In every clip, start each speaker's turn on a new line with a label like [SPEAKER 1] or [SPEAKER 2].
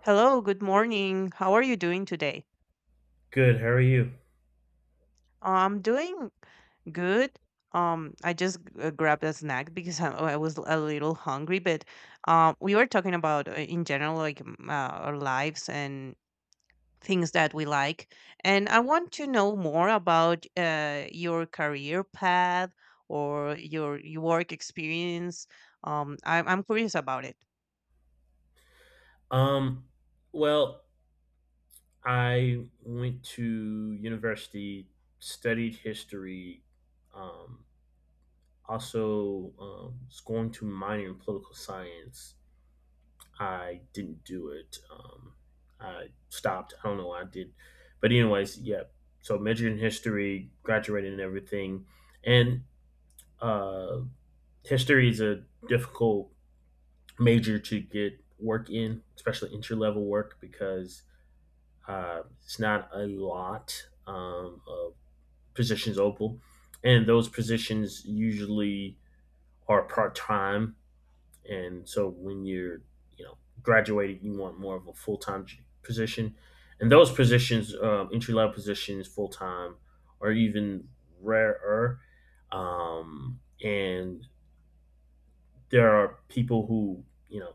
[SPEAKER 1] Hello, good morning. How are you doing today?
[SPEAKER 2] Good. How are you?
[SPEAKER 1] I'm doing good. I just grabbed a snack because I was a little hungry, but we were talking about in general like our lives and things that we like, and I want to know more about your career path or your work experience. I'm curious about it.
[SPEAKER 2] Um, well, I went to university, studied history, um, also was going to minor in political science. I didn't do it. I stopped. I don't know why I did. But anyways, yeah. So majored in history, graduated and everything. And uh, history is a difficult major to get work in, especially entry level work because it's not a lot of positions open, and those positions usually are part time. And so when you're graduated, you want more of a full time position, and those positions, entry level positions, full time, are even rarer. And there are people who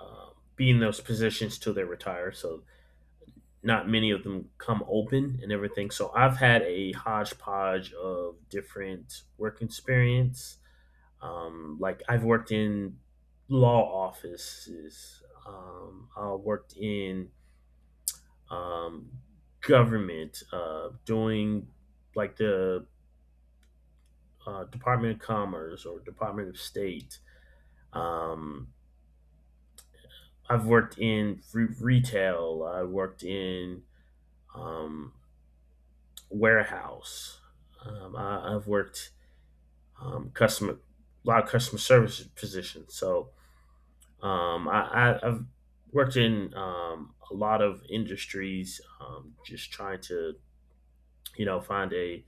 [SPEAKER 2] uh, be in those positions till they retire, so not many of them come open and everything. So I've had a hodgepodge of different work experience. Like I've worked in law offices. I worked in um, government, doing like the Department of Commerce or Department of State. Um, I've worked in retail. I worked in um, warehouse. I've worked um, customer, a lot of customer service positions. So um, I, I've worked in a lot of industries, just trying to find a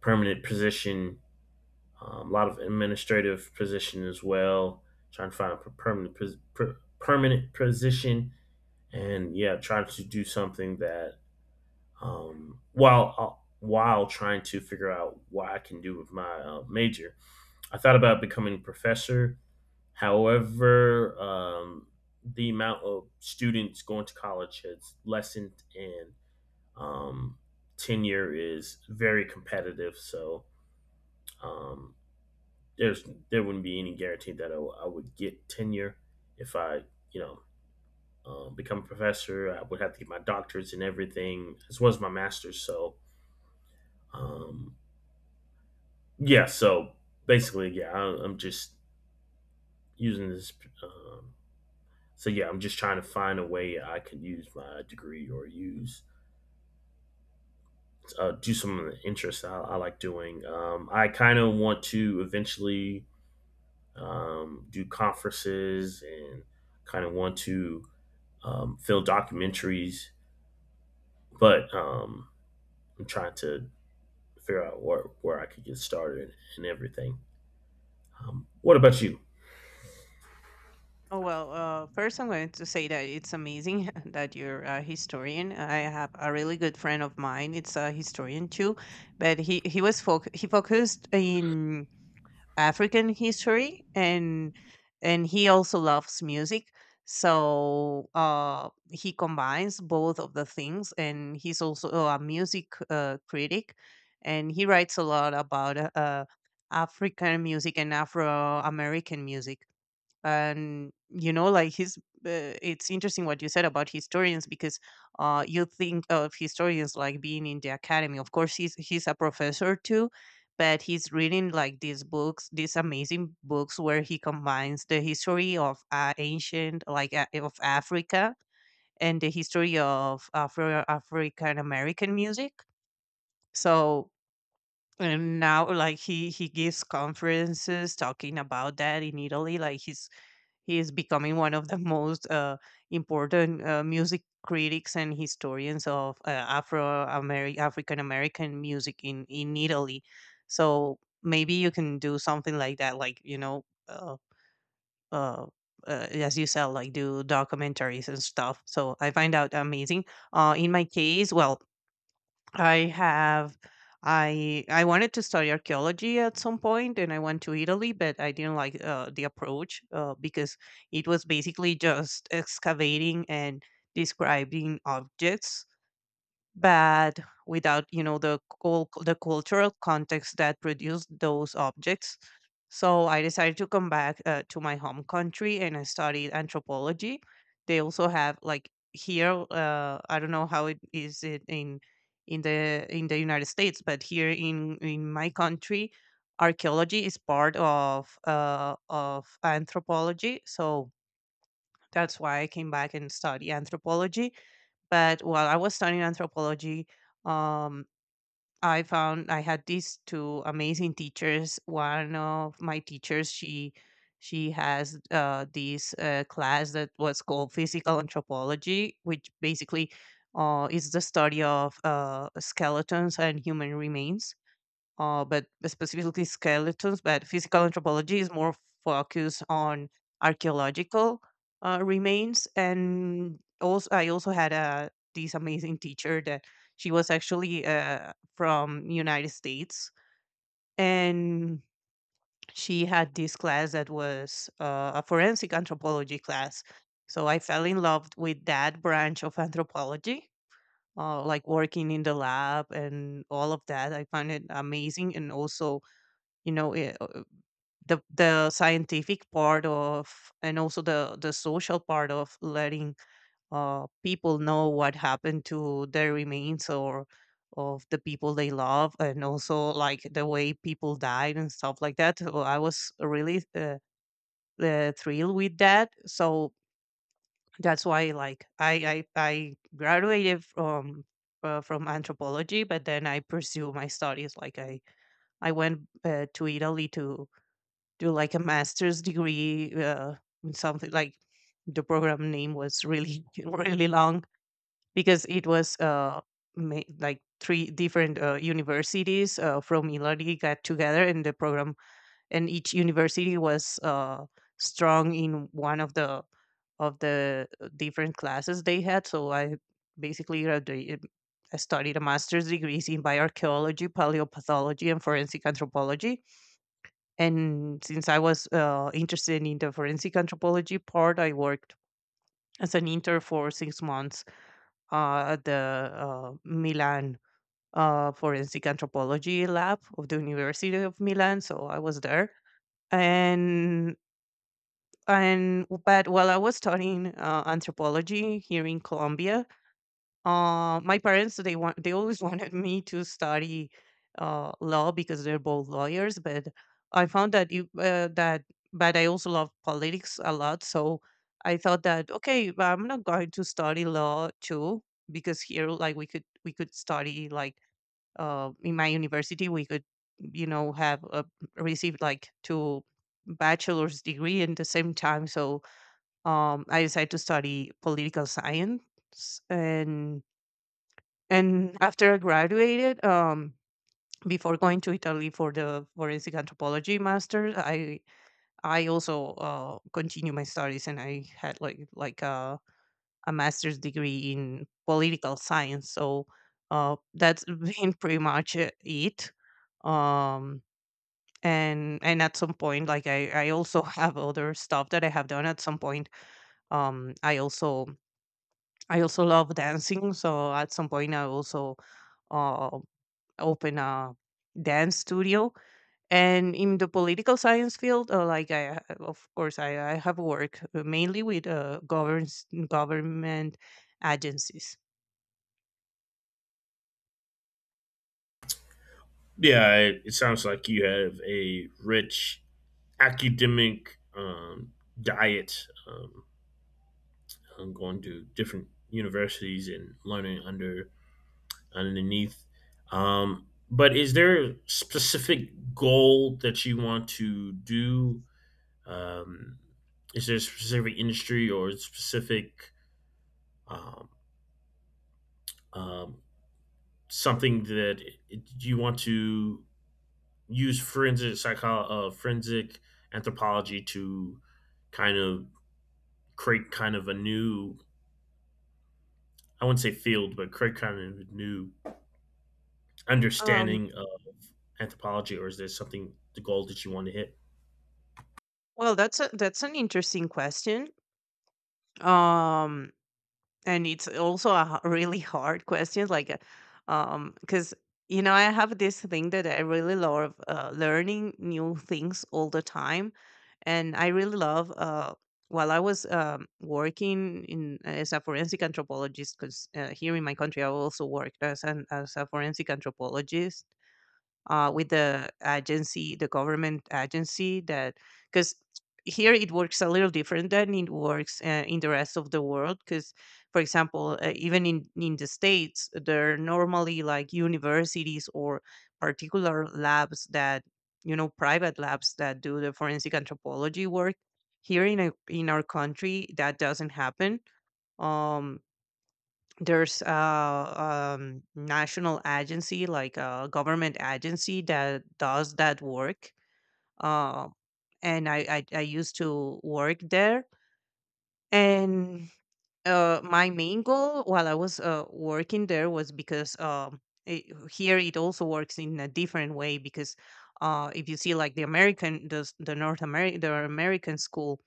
[SPEAKER 2] permanent position. A lot of administrative position as well, trying to find a permanent position, and yeah, trying to do something that while trying to figure out what I can do with my major. I thought about becoming a professor. However, the amount of students going to college has lessened, and um, tenure is very competitive. So um, there's there wouldn't be any guarantee that I would get tenure if I you know become a professor. I would have to get my doctorates and everything as well as my master's. So um, yeah, so basically, I'm just using this um, So yeah, I'm just trying to find a way I could use my degree or use do some of the interests I like doing. I kind of want to eventually do conferences and kind of want to film documentaries, but I'm trying to figure out where I could get started and everything. What about you?
[SPEAKER 1] Oh, well, first I'm going to say that it's amazing that you're a historian. I have a really good friend of mine. It's a historian too, but he focused in African history and he also loves music. So he combines both of the things, and he's also oh, a music critic, and he writes a lot about African music and Afro American music and you know like his it's interesting what you said about historians because you think of historians like being in the academy. Of course, he's a professor too, but he's reading like these books, these amazing books, where he combines the history of ancient of Africa and the history of Afro African American music. So and now like he gives conferences talking about that in Italy. Like he is becoming one of the most important music critics and historians of Afro African American music in Italy. So maybe you can do something like that, like uh, as you said, like do documentaries and stuff. So I find out amazing. In my case, well, I have I wanted to study archaeology at some point, and I went to Italy, but I didn't like the approach because it was basically just excavating and describing objects, but without you know the the cultural context that produced those objects. So I decided to come back to my home country, and I studied anthropology. They also have like here, I don't know how it is it in in the United States, but here in my country archaeology is part of anthropology. So that's why I came back and study anthropology. But while I was studying anthropology, um, I found I had these two amazing teachers. One of my teachers, she has this class that was called physical anthropology, which basically is the study of skeletons and human remains, but specifically skeletons. But physical anthropology is more focused on archaeological remains. And also, I also had a this amazing teacher that she was actually from United States, and she had this class that was a forensic anthropology class. So I fell in love with that branch of anthropology, like working in the lab and all of that. I find it amazing, and also you know the scientific part of, and also the social part of letting people know what happened to their remains or of the people they love, and also like the way people died and stuff like that. So I was really thrilled with that. So that's why like I graduated from anthropology, but then I pursue my studies. Like I went to Italy to do like a master's degree in something like, the program name was really really long because it was like three different universities from Ilari got together in the program, and each university was strong in one of the different classes they had. So I basically graduated. I studied a master's degrees in bioarchaeology, paleopathology, and forensic anthropology, and since I was interested in the forensic anthropology part, I worked as an intern for 6 months at the Milan Forensic Anthropology Lab of the University of Milan. So I was there, and but while I was studying anthropology here in Colombia, my parents they always wanted me to study law because they're both lawyers. But I found that you that but I also love politics a lot, so I thought that okay, but I'm not going to study law too, because here like we could study like in my university we could you know have received like two bachelor's degree in the same time. So I decided to study political science. And and after I graduated, before going to Italy for the forensic anthropology master, I also continued my studies, and I had a master's degree in political science. So that's been pretty much it. Um, and at some point, like I also have other stuff that I have done. At some point, um, I also I also love dancing. So at some point, I also uh, open a dance studio. And in the political science field, of course I have worked mainly with governs, government agencies.
[SPEAKER 2] Yeah, it sounds like you have a rich academic diet. Going to different universities and learning underneath. But is there a specific goal that you want to do? Um, is there a specific industry or a specific um, um, something that you want to use forensic anthropology to kind of create kind of a new, I wouldn't say field, but create kind of a new
[SPEAKER 1] um,
[SPEAKER 2] understanding anthropology, or is there something, the goal that you want to hit?
[SPEAKER 1] well that's that's an interesting question. um, And it's also a really hard question, like, 'cause, you know, I have this thing that I really love, learning new things all the time. And I really love, while I was working in as a forensic anthropologist, because here in my country I also worked as an as a forensic anthropologist, with the agency, the government agency that. Because here it works a little different than it works in the rest of the world. Because, for example, even in the states, there are normally like universities or particular labs that you know private labs that do the forensic anthropology work. Here in in our country, that doesn't happen. Um, there's a national agency like a government agency that does that work, uh, and I used to work there. And my main goal while I was working there was because it, here it also works in a different way. Because if you see like the american the, s- the north american the American school,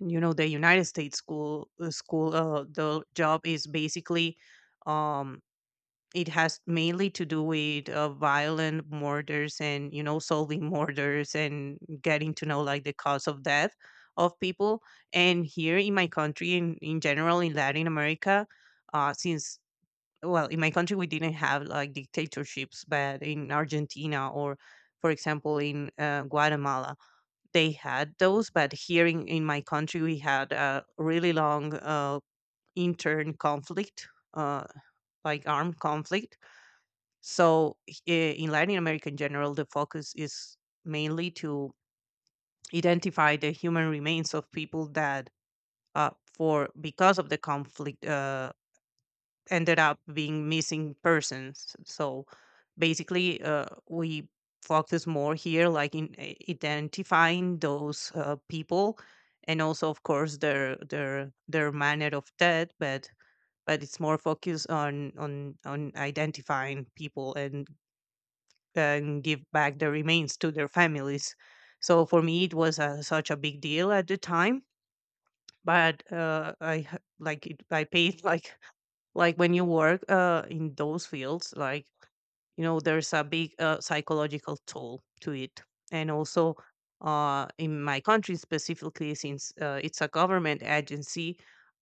[SPEAKER 1] you know, the United States school, the job is basically um it has mainly to do with violent murders and you know solving murders and getting to know like the cause of death of people. And here in my country, in general, in Latin America, since well in my country we didn't have like dictatorships, but in Argentina, or for example in Guatemala, they had those. But here in my country, we had a really long intern conflict, uh, like armed conflict. So in Latin America in general, the focus is mainly to identify the human remains of people that, for because of the conflict, ended up being missing persons. So basically, we focus more here, like in identifying those people, and also, of course, their manner of death, but it's more focused on identifying people and give back the remains to their families. So for me, it was such a big deal at the time. But I like it, I paid like like when you work in those fields, like you know, there's a big psychological toll to it. And also in my country specifically, since it's a government agency.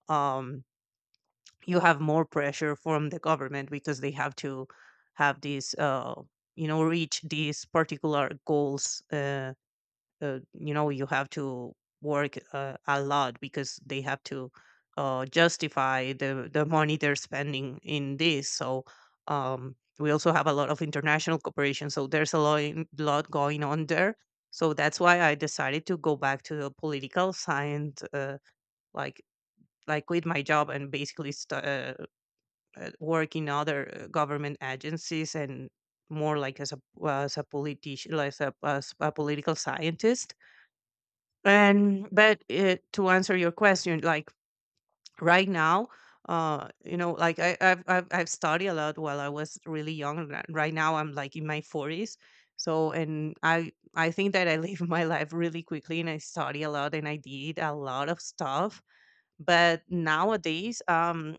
[SPEAKER 1] Um, you have more pressure from the government because they have to have these reach these particular goals you have to work a lot because they have to justify the money they're spending in this. So we also have a lot of international cooperation, so there's a lot going on there. So that's why I decided to go back to the political science, like like quit my job and basically work in other government agencies, and more like as a politician, like as a political scientist. And but uh, to answer your question, like right now, you know like I, I've studied a lot while I was really young, and right now I'm like in my 40s. So and I think that I live my life really quickly, and I study a lot and I did a lot of stuff. But nowadays, um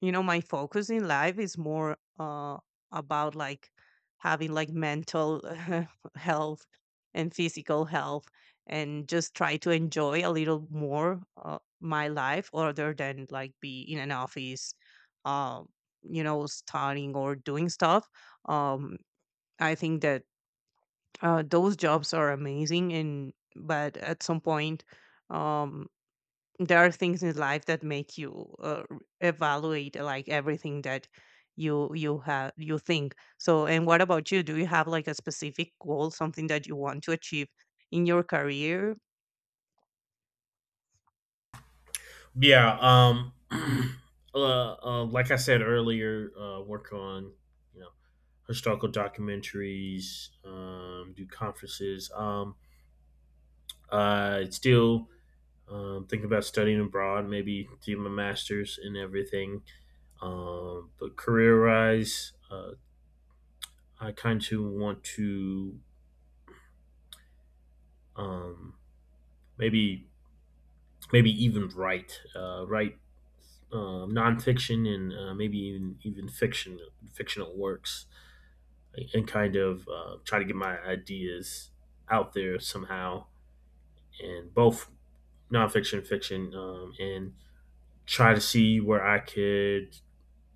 [SPEAKER 1] you know my focus in life is more about like having like mental health and physical health, and just try to enjoy a little more my life other than like be in an office, um studying or doing stuff. um I think that those jobs are amazing, and but at some point um there are things in life that make you evaluate like everything that you have you think. So and what about you? Do you have like a specific goal, something that you want to achieve in your career?
[SPEAKER 2] Yeah. Like I said earlier, work on you know historical documentaries, do conferences. It's still. Thinking about studying abroad, maybe doing my master's and everything. But career wise, I kind of want to um, maybe maybe even write nonfiction and maybe even fiction, fictional works, and kind of try to get my ideas out there somehow, and both nonfiction, fiction, and try to see where I could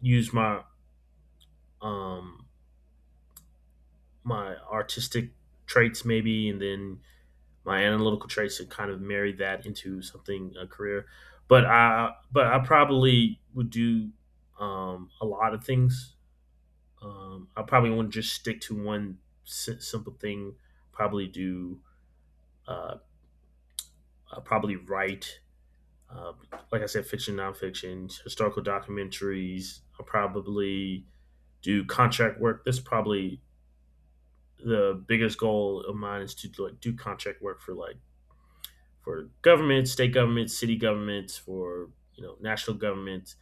[SPEAKER 2] use my um, my artistic traits maybe, and then my analytical traits to kind of marry that into something a career. But I probably would do a lot of things. I probably want to just stick to one simple thing. Probably do. Uh, I probably write. Uh, like I said, fiction, nonfiction, historical documentaries. I'll probably do contract work. That's probably the biggest goal of mine, is to like do contract work for like for governments, state governments, city governments, for national governments,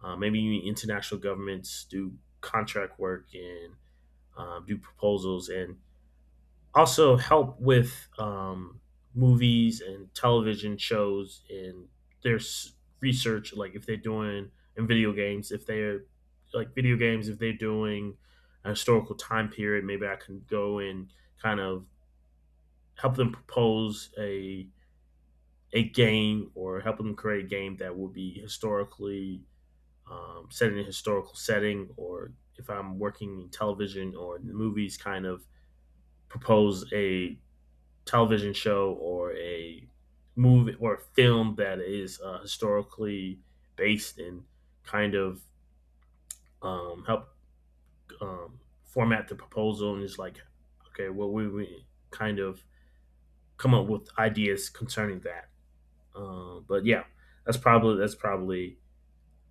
[SPEAKER 2] maybe even international governments. Do contract work and do proposals and also help with movies and television shows and their research, like if they're doing in video games, if they're like video games, if they're doing a historical time period, maybe I can go and kind of help them propose a game or help them create a game that will be historically set in a historical setting, or if I'm working in television or in the movies, kind of propose a television show or a movie or a film that is historically based and kind of help format the proposal and is like, okay, we kind of come up with ideas concerning that. But yeah, that's probably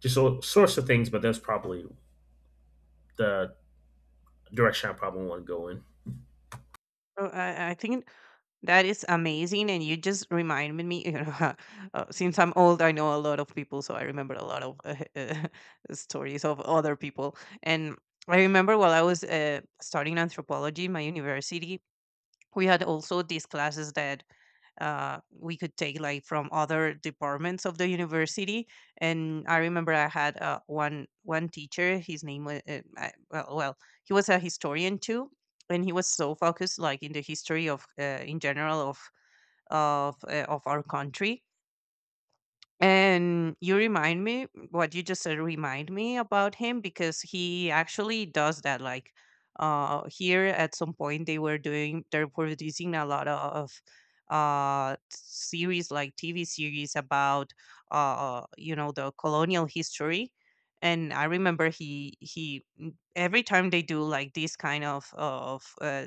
[SPEAKER 2] just a source of things, but that's probably the direction I probably want to go in.
[SPEAKER 1] Oh, I think that is amazing, and you just reminded me. You know, since I'm old, I know a lot of people, so I remember a lot of stories of other people. And I remember while I was studying anthropology in my university, we had also these classes that we could take like from other departments of the university. And I remember I had one teacher. His name was well, he was a historian too, and he was so focused like in the history of in general of of our country. And you remind me, what you just said remind me about him, because he actually does that. Like here at some point, they were doing they're producing a lot of series, like TV series about the colonial history. And I remember every time they do like this kind of of uh,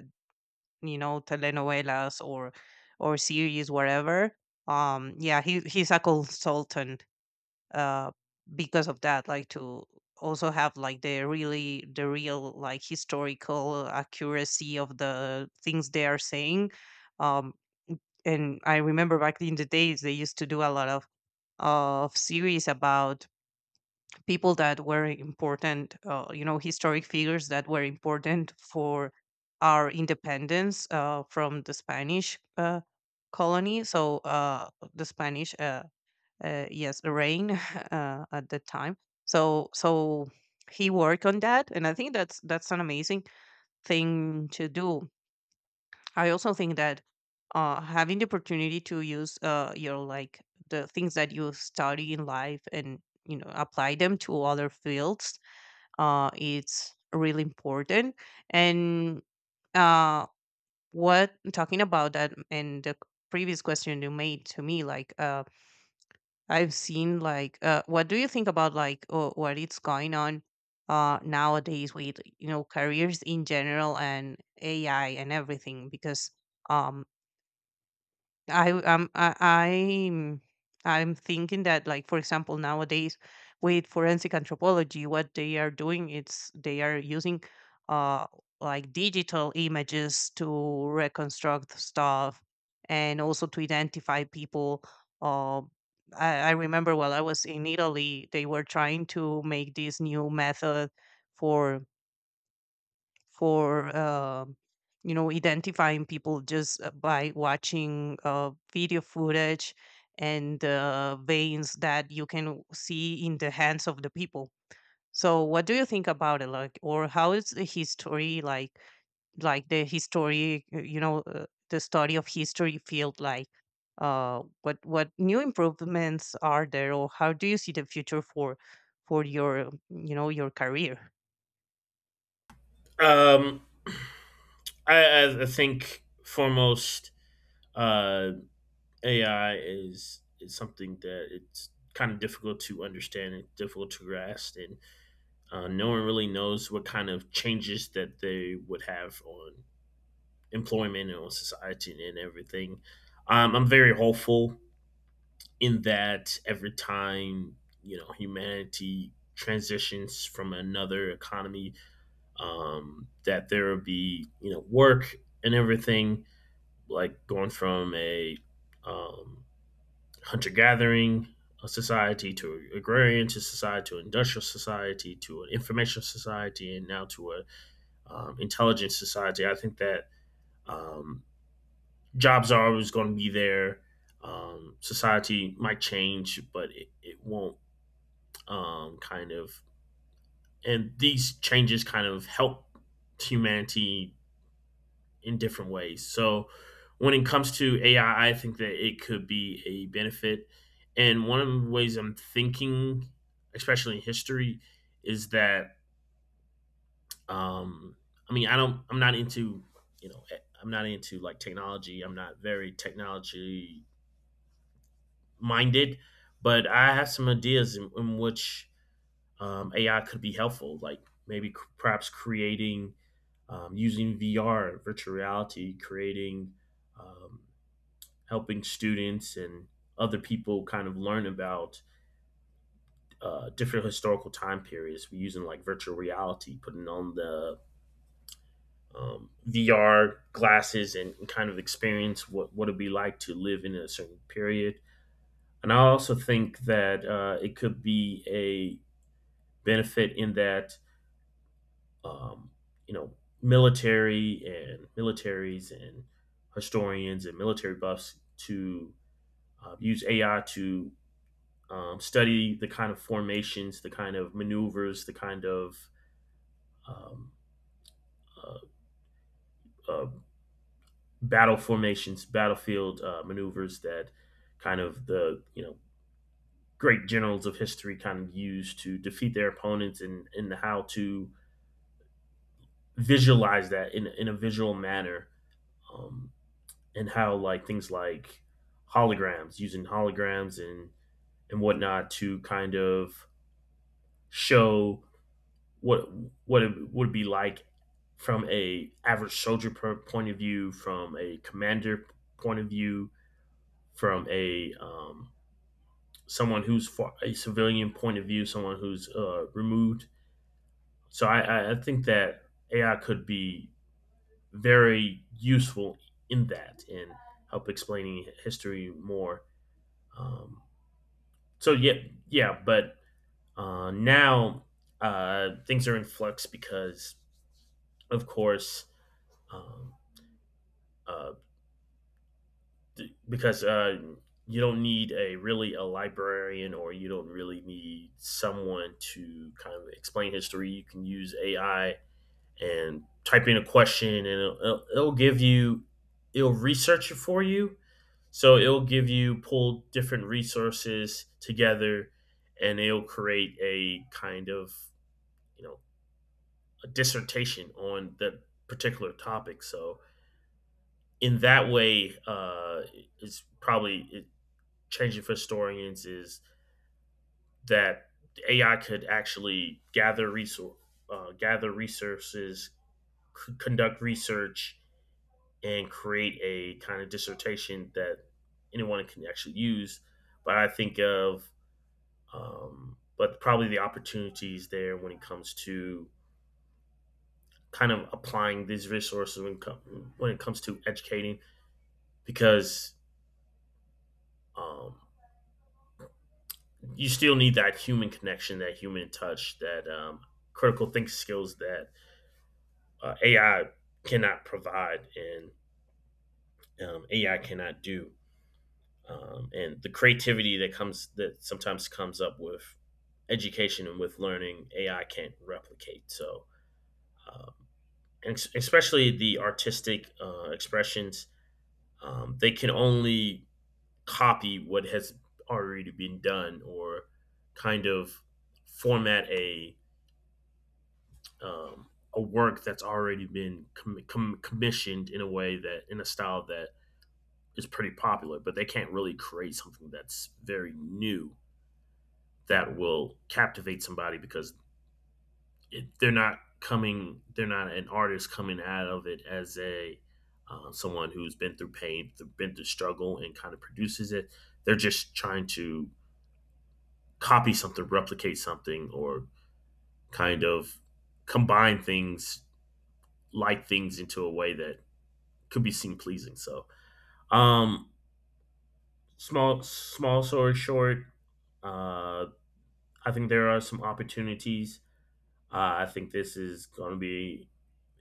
[SPEAKER 1] you know telenovelas or series whatever, yeah, he's a consultant uh, because of that, like to also have like the really the real like historical accuracy of the things they are saying. um and I remember back in the days, they used to do a lot of series about people that were important, historic figures that were important for our independence from the Spanish colony. So the Spanish yes, rain at the time. So he worked on that, and I think that's an amazing thing to do. I also think that having the opportunity to use your like the things that you study in life and you know apply them to other fields, it's really important. And uh, what, talking about that and the previous question you made to me, like. I've seen like what do you think about like what it's going on nowadays with you know careers in general and AI and everything? Because um, I um I, I'm I'm thinking that like for example nowadays with forensic anthropology, what they are doing, it's they are using uh like digital images to reconstruct stuff, and also to identify people. uh I remember while I was in Italy, they were trying to make this new method for for um identifying people just by watching video footage and veins that you can see in the hands of the people. So what do you think about it? Like, or how is the history like the history the study of history field, like what new improvements are there, or how do you see the future for your you know your career?
[SPEAKER 2] Um, I think foremost, uh, AI is something that it's kind of difficult to understand and difficult to grasp, and no one really knows what kind of changes that they would have on employment and on society and everything. I'm very hopeful in that every time humanity transitions from another economy, that there will be work and everything, like going from a um, hunter gathering society to agrarian to society to industrial society to an information society and now to an intelligence society. I think that um, jobs are always going to be there. Society might change, but it won't kind of. And these changes kind of help humanity in different ways. So when it comes to AI, I think that it could be a benefit. And one of the ways I'm thinking, especially in history, is that um, I mean I'm not into I'm not into like technology. I'm not very technology minded, but I have some ideas in which AI could be helpful. Like perhaps creating using VR, virtual reality, creating um, helping students and other people kind of learn about different historical time periods. We're using like virtual reality, putting on the VR glasses, and kind of experience what it'd be like to live in a certain period. And I also think that it could be a benefit in that, um, you know, military and militaries and historians and military buffs to use AI to study the kind of formations, the kind of maneuvers, the kind of um, uh, uh, battle formations, battlefield maneuvers that kind of the great generals of history kind of use to defeat their opponents, and how to visualize that in a visual manner, um, and how like things like holograms, using holograms and whatnot to kind of show what what it would be like from a average soldier per point of view, from a commander point of view, from a someone who's for a civilian point of view, someone who's removed. So think that AI could be very useful in that and help explaining history more. Um, so yeah, yeah, but now things are in flux because, of course, um, uh, because you don't need a really a librarian, or you don't really need someone to kind of explain history. You can use AI and type in a question, and it'll give you it'll research it for you. So it'll give you, pull different resources together, and it'll create a kind of you know a dissertation on that particular topic. So in that way, it's probably changing for historians is that AI could actually gather resources, conduct research, and create a kind of dissertation that anyone can actually use. But I think of, but probably the opportunities there when it comes to kind of applying these resources when it comes to educating, because um, you still need that human connection, that human touch, that critical think skills that AI cannot provide and AI cannot do, and the creativity that sometimes comes up with education and with learning, AI can't replicate. So, um, and especially the artistic expressions, they can only copy what has already been done or kind of format um, a work that's already been commissioned in a way that, in a style that is pretty popular, but they can't really create something that's very new that will captivate somebody because they're not coming, they're not an artist coming out of it as a someone who's been through pain, been through struggle, and kind of produces it. They're just trying to copy something, replicate something, or kind of combine things, like things into a way that could be seen pleasing. So, um, small, small story short, uh, I think there are some opportunities. I think this is going to be,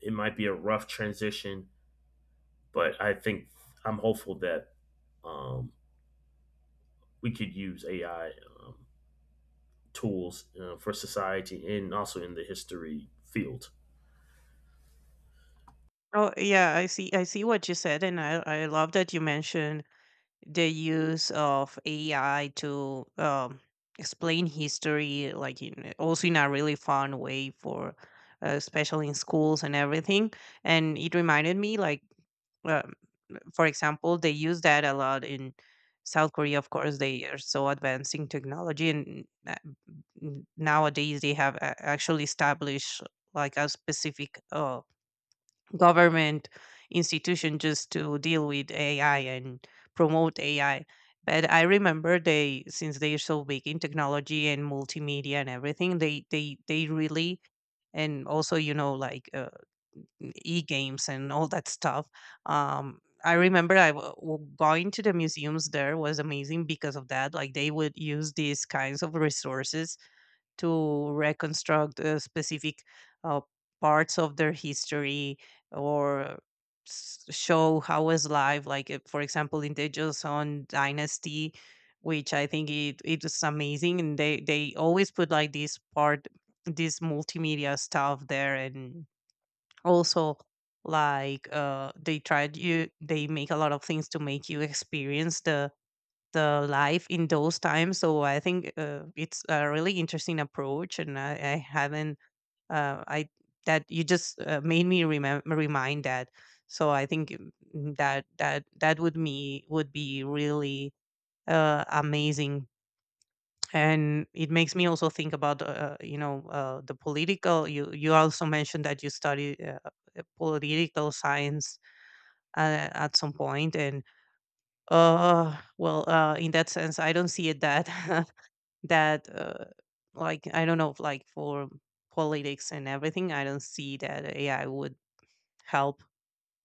[SPEAKER 2] it might be a rough transition, but I think I'm hopeful that um, we could use AI um, tools for society and also in the history field.
[SPEAKER 1] Oh yeah, I see. I see what you said, and I love that you mentioned the use of AI to explain history, like in, also in a really fun way for, especially in schools and everything. And it reminded me, like, um, for example, they use that a lot in South Korea. Of course, they are so advancing technology, and nowadays they have actually established like a specific. Government institution just to deal with AI and promote AI. But I remember they, since they are so big in technology and multimedia and everything, they really. And also you know like e games and all that stuff. Um, I remember going to the museums there was amazing because of that. Like they would use these kinds of resources to reconstruct specific uh, parts of their history, or show how was life like for example in the Joseon dynasty, which I think it it was amazing. And they always put like this part, this multimedia stuff there, and also like they tried, you they make a lot of things to make you experience the life in those times. So I think it's a really interesting approach, and I haven't I that you just made me remember remind that. So I think that that that would me would be really amazing. And it makes me also think about, the political. You also mentioned that you study political science at some point, and in that sense, I don't see it that that like I don't know, like for politics and everything, I don't see that AI would help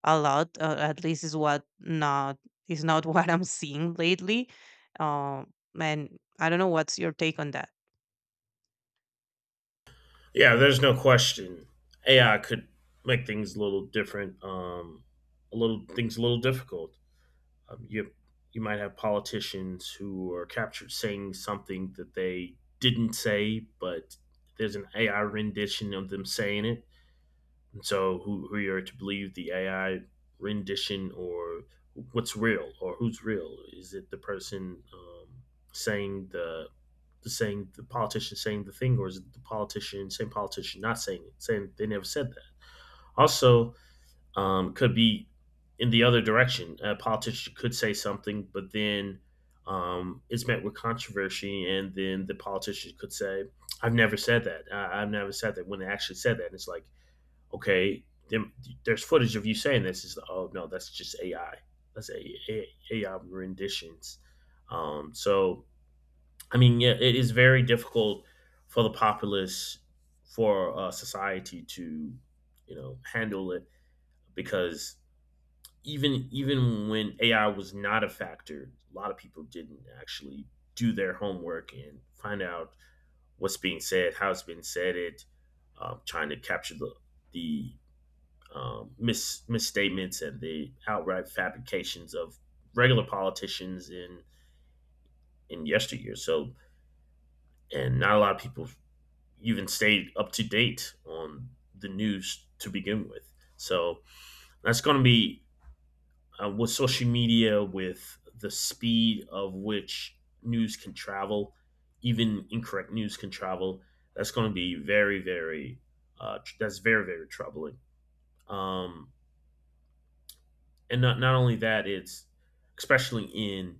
[SPEAKER 1] a lot, at least is what not is not what I'm seeing lately. um and I don't know what's your take on that.
[SPEAKER 2] Yeah, there's no question AI could make things a little different, a little things a little difficult. Um, you you might have politicians who are captured saying something that they didn't say, but there's an AI rendition of them saying it. And so who you're to believe, the AI rendition or what's real or who's real? Is it the person saying the politician saying the thing, or is it the politician same politician not saying it, saying they never said that? Also, could be in the other direction. A politician could say something, but then it's met with controversy, and then the politician could say, "I've never said that. I've never said that." When they actually said that, and it's like, okay, then there's footage of you saying this. Is oh no, that's just AI. That's AI renditions. So I mean, yeah, it is very difficult for the populace, for society to, you know, handle it because even when AI was not a factor, a lot of people didn't actually do their homework and find out what's being said, how it's been said, it trying to capture the the misstatements and the outright fabrications of regular politicians in yesteryear. So, and not a lot of people even stayed up to date on the news to begin with. So that's going to be, with social media, with the speed of which news can travel, even incorrect news can travel, that's going to be very, very, that's very, very troubling. Um, and not only that, it's especially in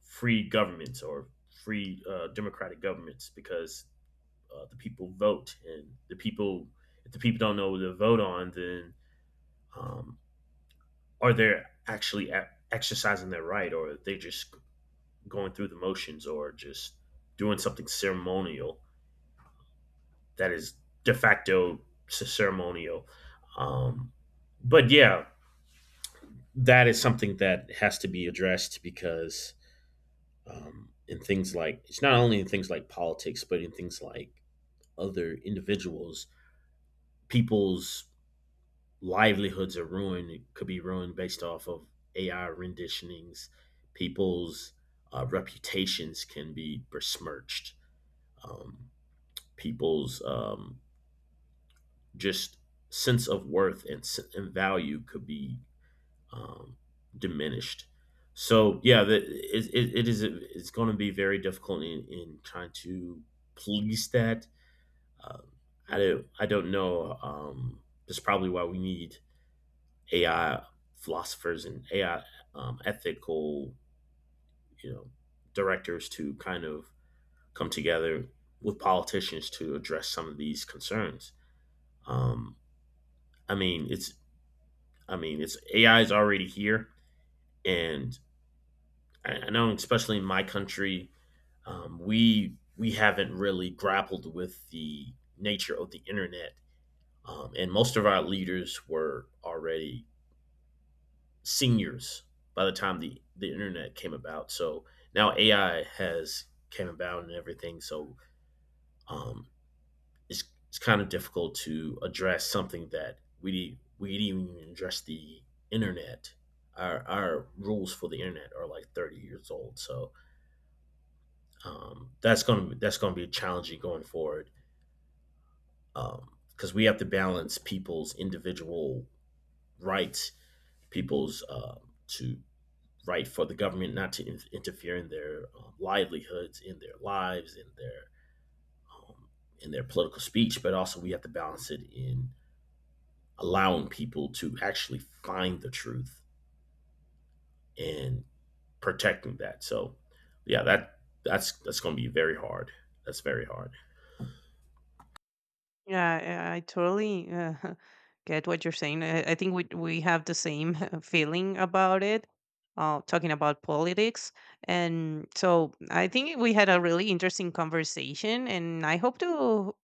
[SPEAKER 2] free governments or free democratic governments because the people vote and the people, if the people don't know who to vote on, then um, are they actually exercising their right, or are they just going through the motions or just doing something ceremonial that is de facto ceremonial. Um, but yeah, that is something that has to be addressed because in things like, it's not only in things like politics, but in things like other individuals, people's livelihoods are ruined. It could be ruined based off of AI renditionings. People's reputations can be besmirched. Um, people's just sense of worth and value could be um, diminished. So yeah, the, it is it's going to be very difficult in trying to police that. Um, I don't know. That's probably why we need AI philosophers and AI ethical, you know, directors to kind of come together with politicians to address some of these concerns. Um, I mean, it's I mean, it's AI is already here, and I, know, especially in my country, we haven't really grappled with the nature of the internet, and most of our leaders were already seniors by the time the internet came about. So now AI has came about and everything. So um, it's kind of difficult to address something that we didn't even address the internet. Our rules for the internet are like 30 years old, so that's gonna be challenging going forward because we have to balance people's individual rights, people's to right for the government not to interfere in their livelihoods, in their lives, um, in their political speech, but also we have to balance it in allowing people to actually find the truth and protecting that. So, yeah, that's going to be very hard. That's very hard.
[SPEAKER 1] Yeah, I totally get what you're saying. I think we have the same feeling about it, talking about politics. And so I think we had a really interesting conversation, and I hope to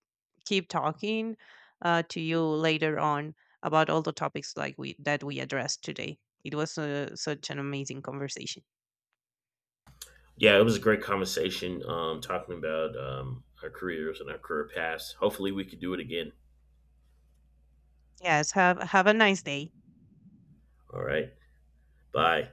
[SPEAKER 1] keep talking to you later on about all the topics like we that we addressed today. It was such an amazing conversation.
[SPEAKER 2] Yeah, it was a great conversation talking about our careers and our career paths. Hopefully, we could do it again.
[SPEAKER 1] Yes, have a nice day.
[SPEAKER 2] All right, bye.